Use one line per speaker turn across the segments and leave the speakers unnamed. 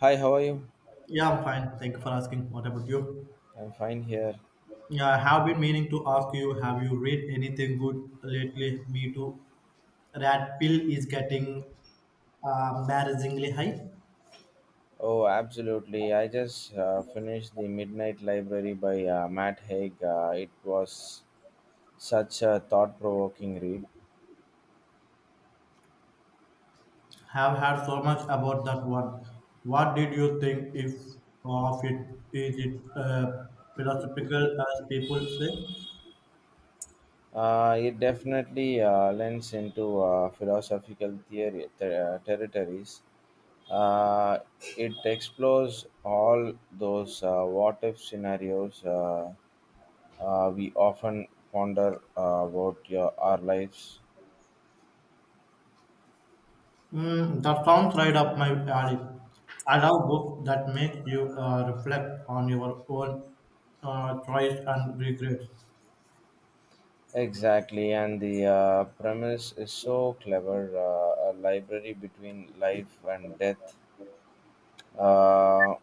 Hi, how are you?
Yeah, I'm fine. Thank you for asking. What about you?
I'm fine here.
Yeah, I have been meaning to ask you, have you read anything good lately? Me too. Rat pill is getting embarrassingly high.
Oh, absolutely. I just finished The Midnight Library by Matt Haig. It was such a thought provoking read.
Have heard so much about that one. What did you think if of it? Is it philosophical as people say?
It definitely lends into philosophical territories. Uh, it explores all those what if scenarios we often ponder about our lives.
Mm, that sounds right up my alley. I love books that make you reflect on your own choice and regrets.
Exactly, and the premise is so clever, a library between life and death, uh,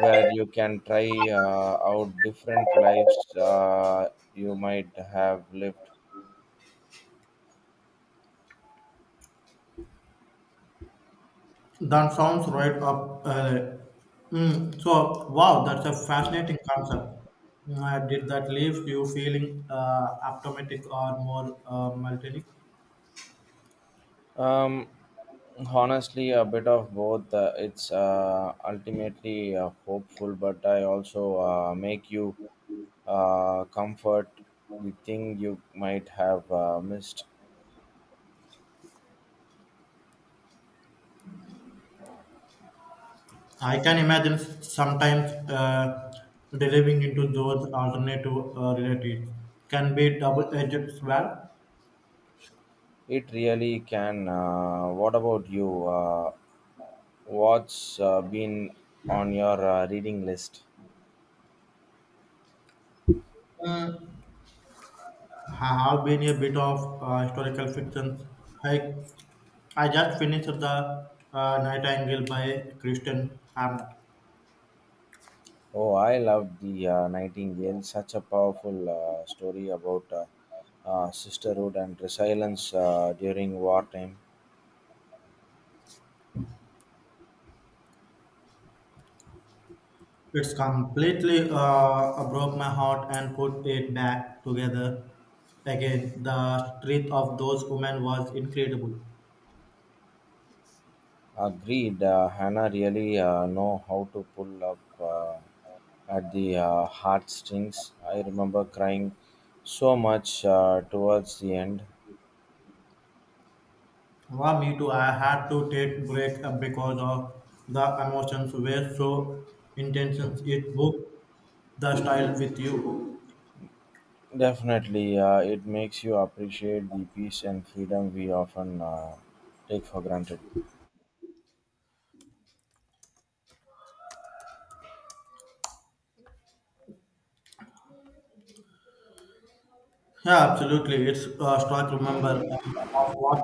where you can try out different lives you might have lived.
That sounds right up. That's a fascinating concept. Did that leave you feeling optimistic or more melting?
Um, Honestly, a bit of both. It's ultimately hopeful, but I also make you comfort the thing you might have missed.
I can imagine sometimes delivering into those alternative realities can be double-edged sword.
It really can. What about you? What's been on your reading list?
Mm, I have been a bit of historical fiction. I, I just finished the Nightingale by Christian Hamlet.
Oh, I loved The Nightingale, such a powerful story about sisterhood and resilience during wartime.
It's completely broke my heart and put it back together again. The strength of those women was incredible.
Agreed, Hannah really know how to pull up at the heartstrings. I remember crying so much towards the end.
Well, me too. I had to take break because of the emotions were so intense. It broke the style with you.
Definitely, it makes you appreciate the peace and freedom we often take for granted.
Yeah, absolutely. It's start remember of what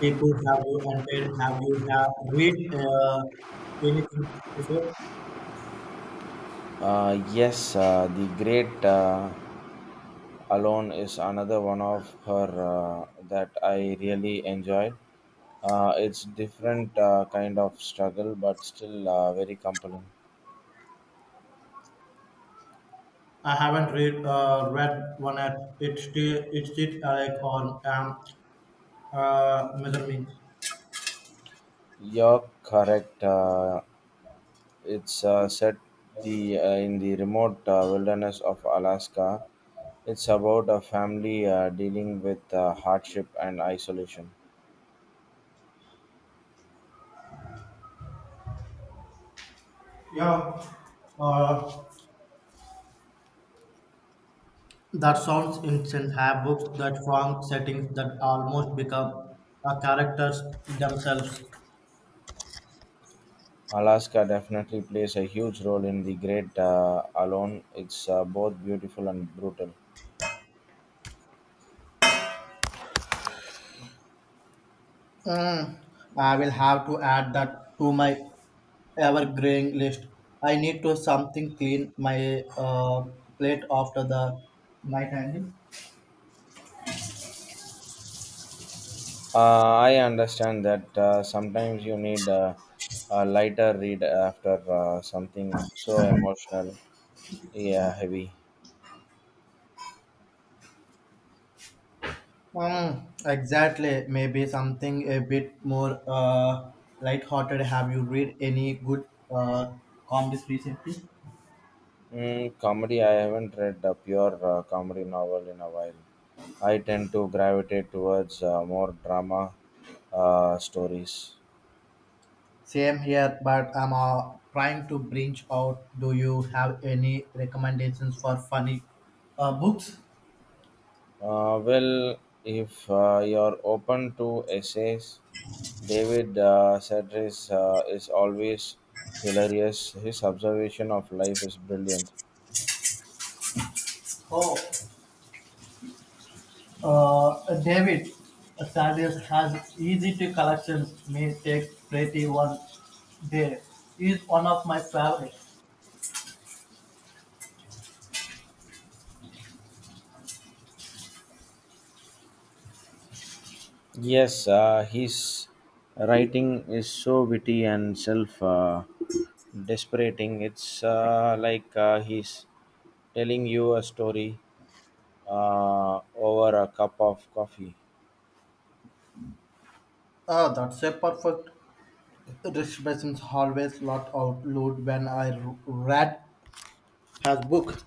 people have you and did. Have you have read anything before?
Yes, The Great Alone is another one of her that I really enjoyed. It's different kind of struggle, but still very compelling.
I haven't read read one yet. It's still like on measurement.
You're correct. It's set the in the remote wilderness of Alaska. It's about a family dealing with hardship and isolation.
Yeah. Uh, that sounds insane. Have books that form settings that almost become characters themselves.
Alaska definitely plays a huge role in The Great Alone. It's both beautiful and brutal.
Mm, I will have to add that to my ever-growing list. I need to something clean my plate after the night hanging.
I understand that, sometimes you need a lighter read after something so emotional, yeah, heavy.
Exactly. Maybe something a bit more light-hearted. Have you read any good uh, comics recently?
Mm, comedy, I haven't read a pure comedy novel in a while. I tend to gravitate towards more drama stories.
Same here, but I'm trying to branch out. Do you have any recommendations for funny books?
Well, if you're open to essays, David Sedaris is always hilarious. His observation of life is brilliant.
Oh, David Sanders has easy to collections. May take pretty one. There is one of my favorites.
Yes, his writing is so witty and self desperating. It's like he's telling you a story over a cup of coffee.
Oh, that's a perfect. Expressions always lot out loud when I read her book.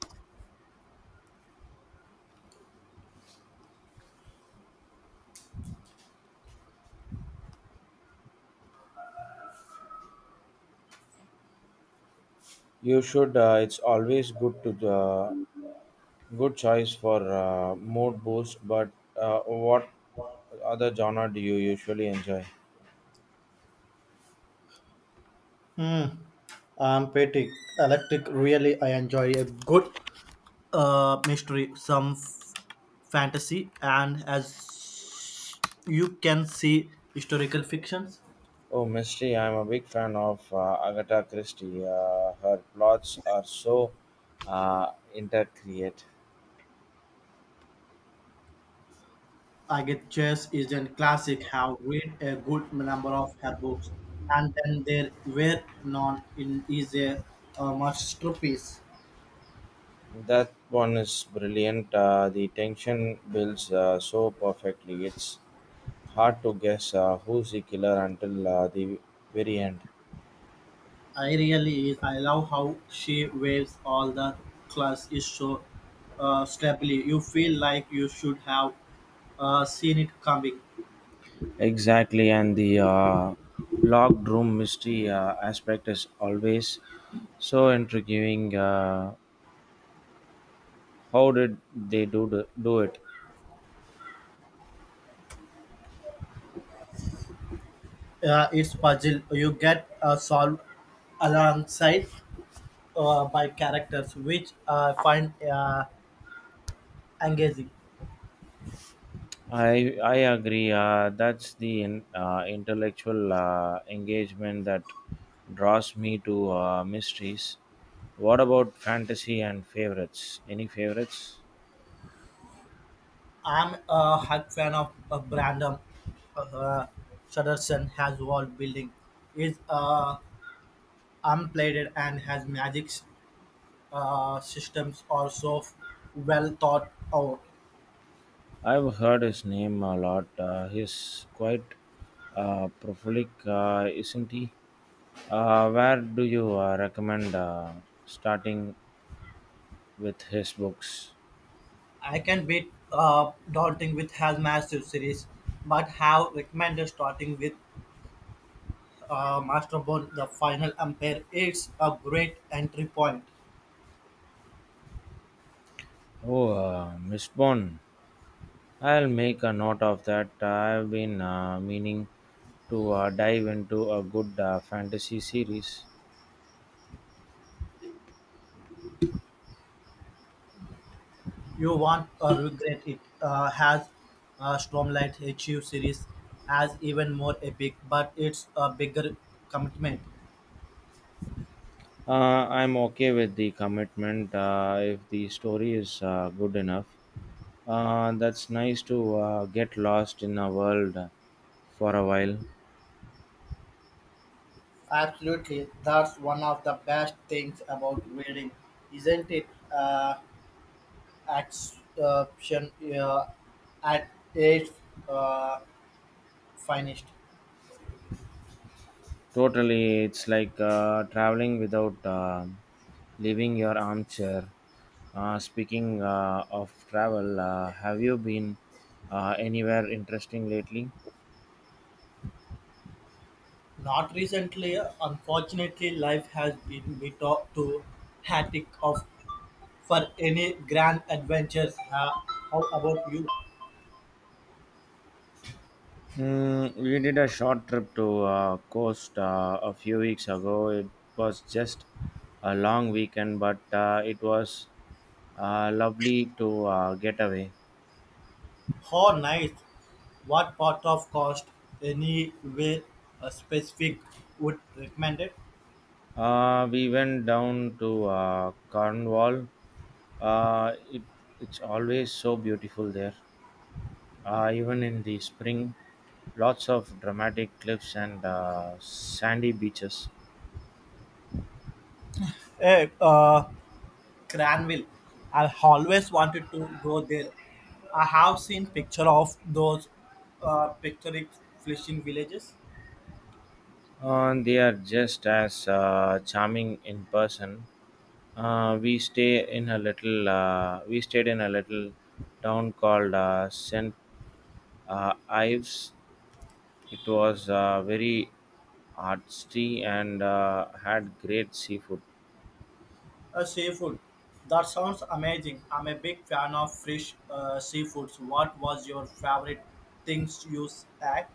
You should, it's always good to, good choice for mood boost, but what other genre do you usually enjoy?
Hmm. I'm pretty electric. Really, I enjoy a good mystery, some fantasy, and as you can see, historical fictions.
Oh, mystery. I'm a big fan of Agatha Christie. Her plots are so intercreate.
I get Chess is a classic. Have read a good number of her books, and then there were none in is a masterpiece.
That one is brilliant. The tension builds so perfectly. It's hard to guess who's the killer until the very end.
I really is. I love how she waves all the class is so stably. You feel like you should have seen it coming.
Exactly, and the locked room mystery aspect is always so intriguing. How did they do it?
It's puzzle you get solved alongside by characters, which I find engaging.
I agree. That's the intellectual engagement that draws me to mysteries. What about fantasy and favorites? Any favorites?
I'm a hug fan of Brandon uh, Sutterson has wall building. Is unplayed and has magics systems are so well thought out.
I've heard his name a lot. He's quite prolific, isn't he? Where do you recommend starting with his books?
I can be daunting with has massive series, but have recommended starting with Masterborn. The final empire, it's a great entry point.
Oh, Mistborn. I'll make a note of that. I've been meaning to dive into a good fantasy series.
You won't regret it. Has Stormlight HU series as even more epic, but it's a bigger commitment.
I'm okay with the commitment if the story is good enough. That's nice to, get lost in a world for a while.
Absolutely, that's one of the best things about reading, isn't it? Uh, Action at its uh, finest.
Totally, it's like traveling without leaving your armchair. Speaking of travel, have you been anywhere interesting lately?
Not recently, unfortunately, life has been bit too hectic of for any grand adventures. How about you?
Hmm, we did a short trip to Coast a few weeks ago. It was just a long weekend, but it was lovely to get away.
How nice! What part of cost, anywhere specific, would recommend it?
We went down to Cornwall. Uh, it, it's always so beautiful there, even in the spring. Lots of dramatic cliffs and sandy beaches.
Eh, uh, Cranville. I've always wanted to go there. I have seen picture of those picturesque fishing villages.
They are just as charming in person. We stayed in a little town called Saint Ives. It was very artsy and had great seafood.
Seafood. That sounds amazing. I'm a big fan of fresh seafoods. What was your favorite things you at?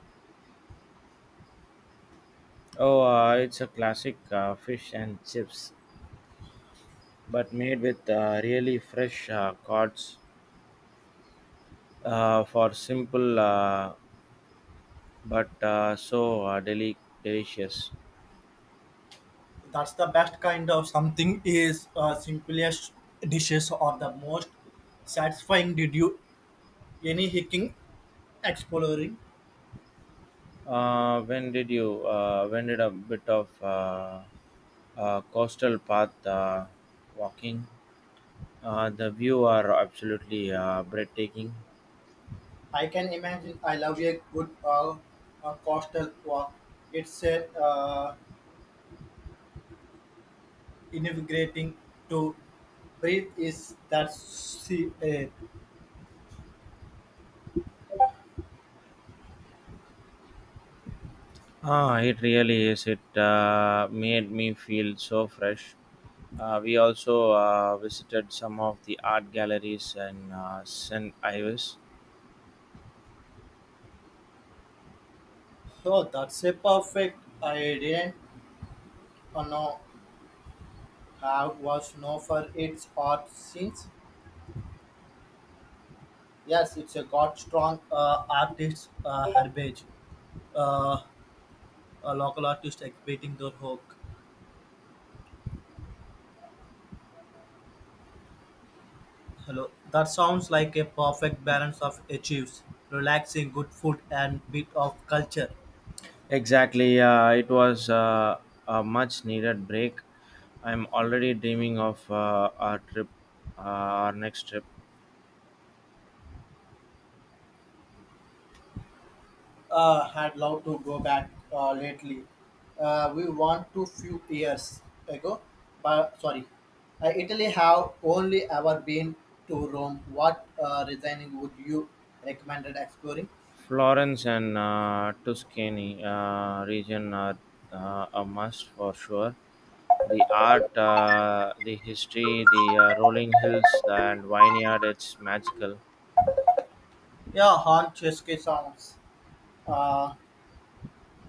Oh, it's a classic fish and chips, but made with really fresh cod for simple but so delicious.
That's the best kind of something is simplest dishes or the most satisfying. Did you any hiking exploring?
When did you? When did a bit of coastal path walking. The view are absolutely breathtaking.
I can imagine. I love a good coastal walk. It's a invigorating to breathe. Is that see?
Ah, it really is. It made me feel so fresh. We also visited some of the art galleries in St. Ives.
Oh, that's a perfect. I didn't know have was known for its art since. Yes, it's a got strong artist heritage. Uh, a local artist exhibiting their work. Hello. That sounds like a perfect balance of achieves, relaxing, good food, and bit of culture.
Exactly. It was a much needed break. I'm already dreaming of our next trip.
Had loved to go back lately. We want to few years ago, but sorry, Italy have only ever been to Rome. What resigning would you recommended exploring?
Florence and Tuscany region are a must for sure. The art, the history, the rolling hills and vineyard, it's magical.
Yeah, Francesca sounds. Uh,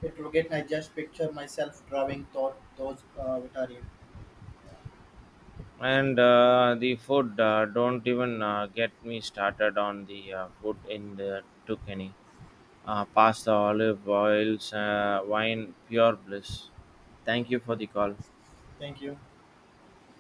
it will get. I just picture myself driving through those Vitarian.
And the food, don't even get me started on the food in the Tuscany. Pasta, olive oils, wine, pure bliss. Thank you for the call.
Thank you.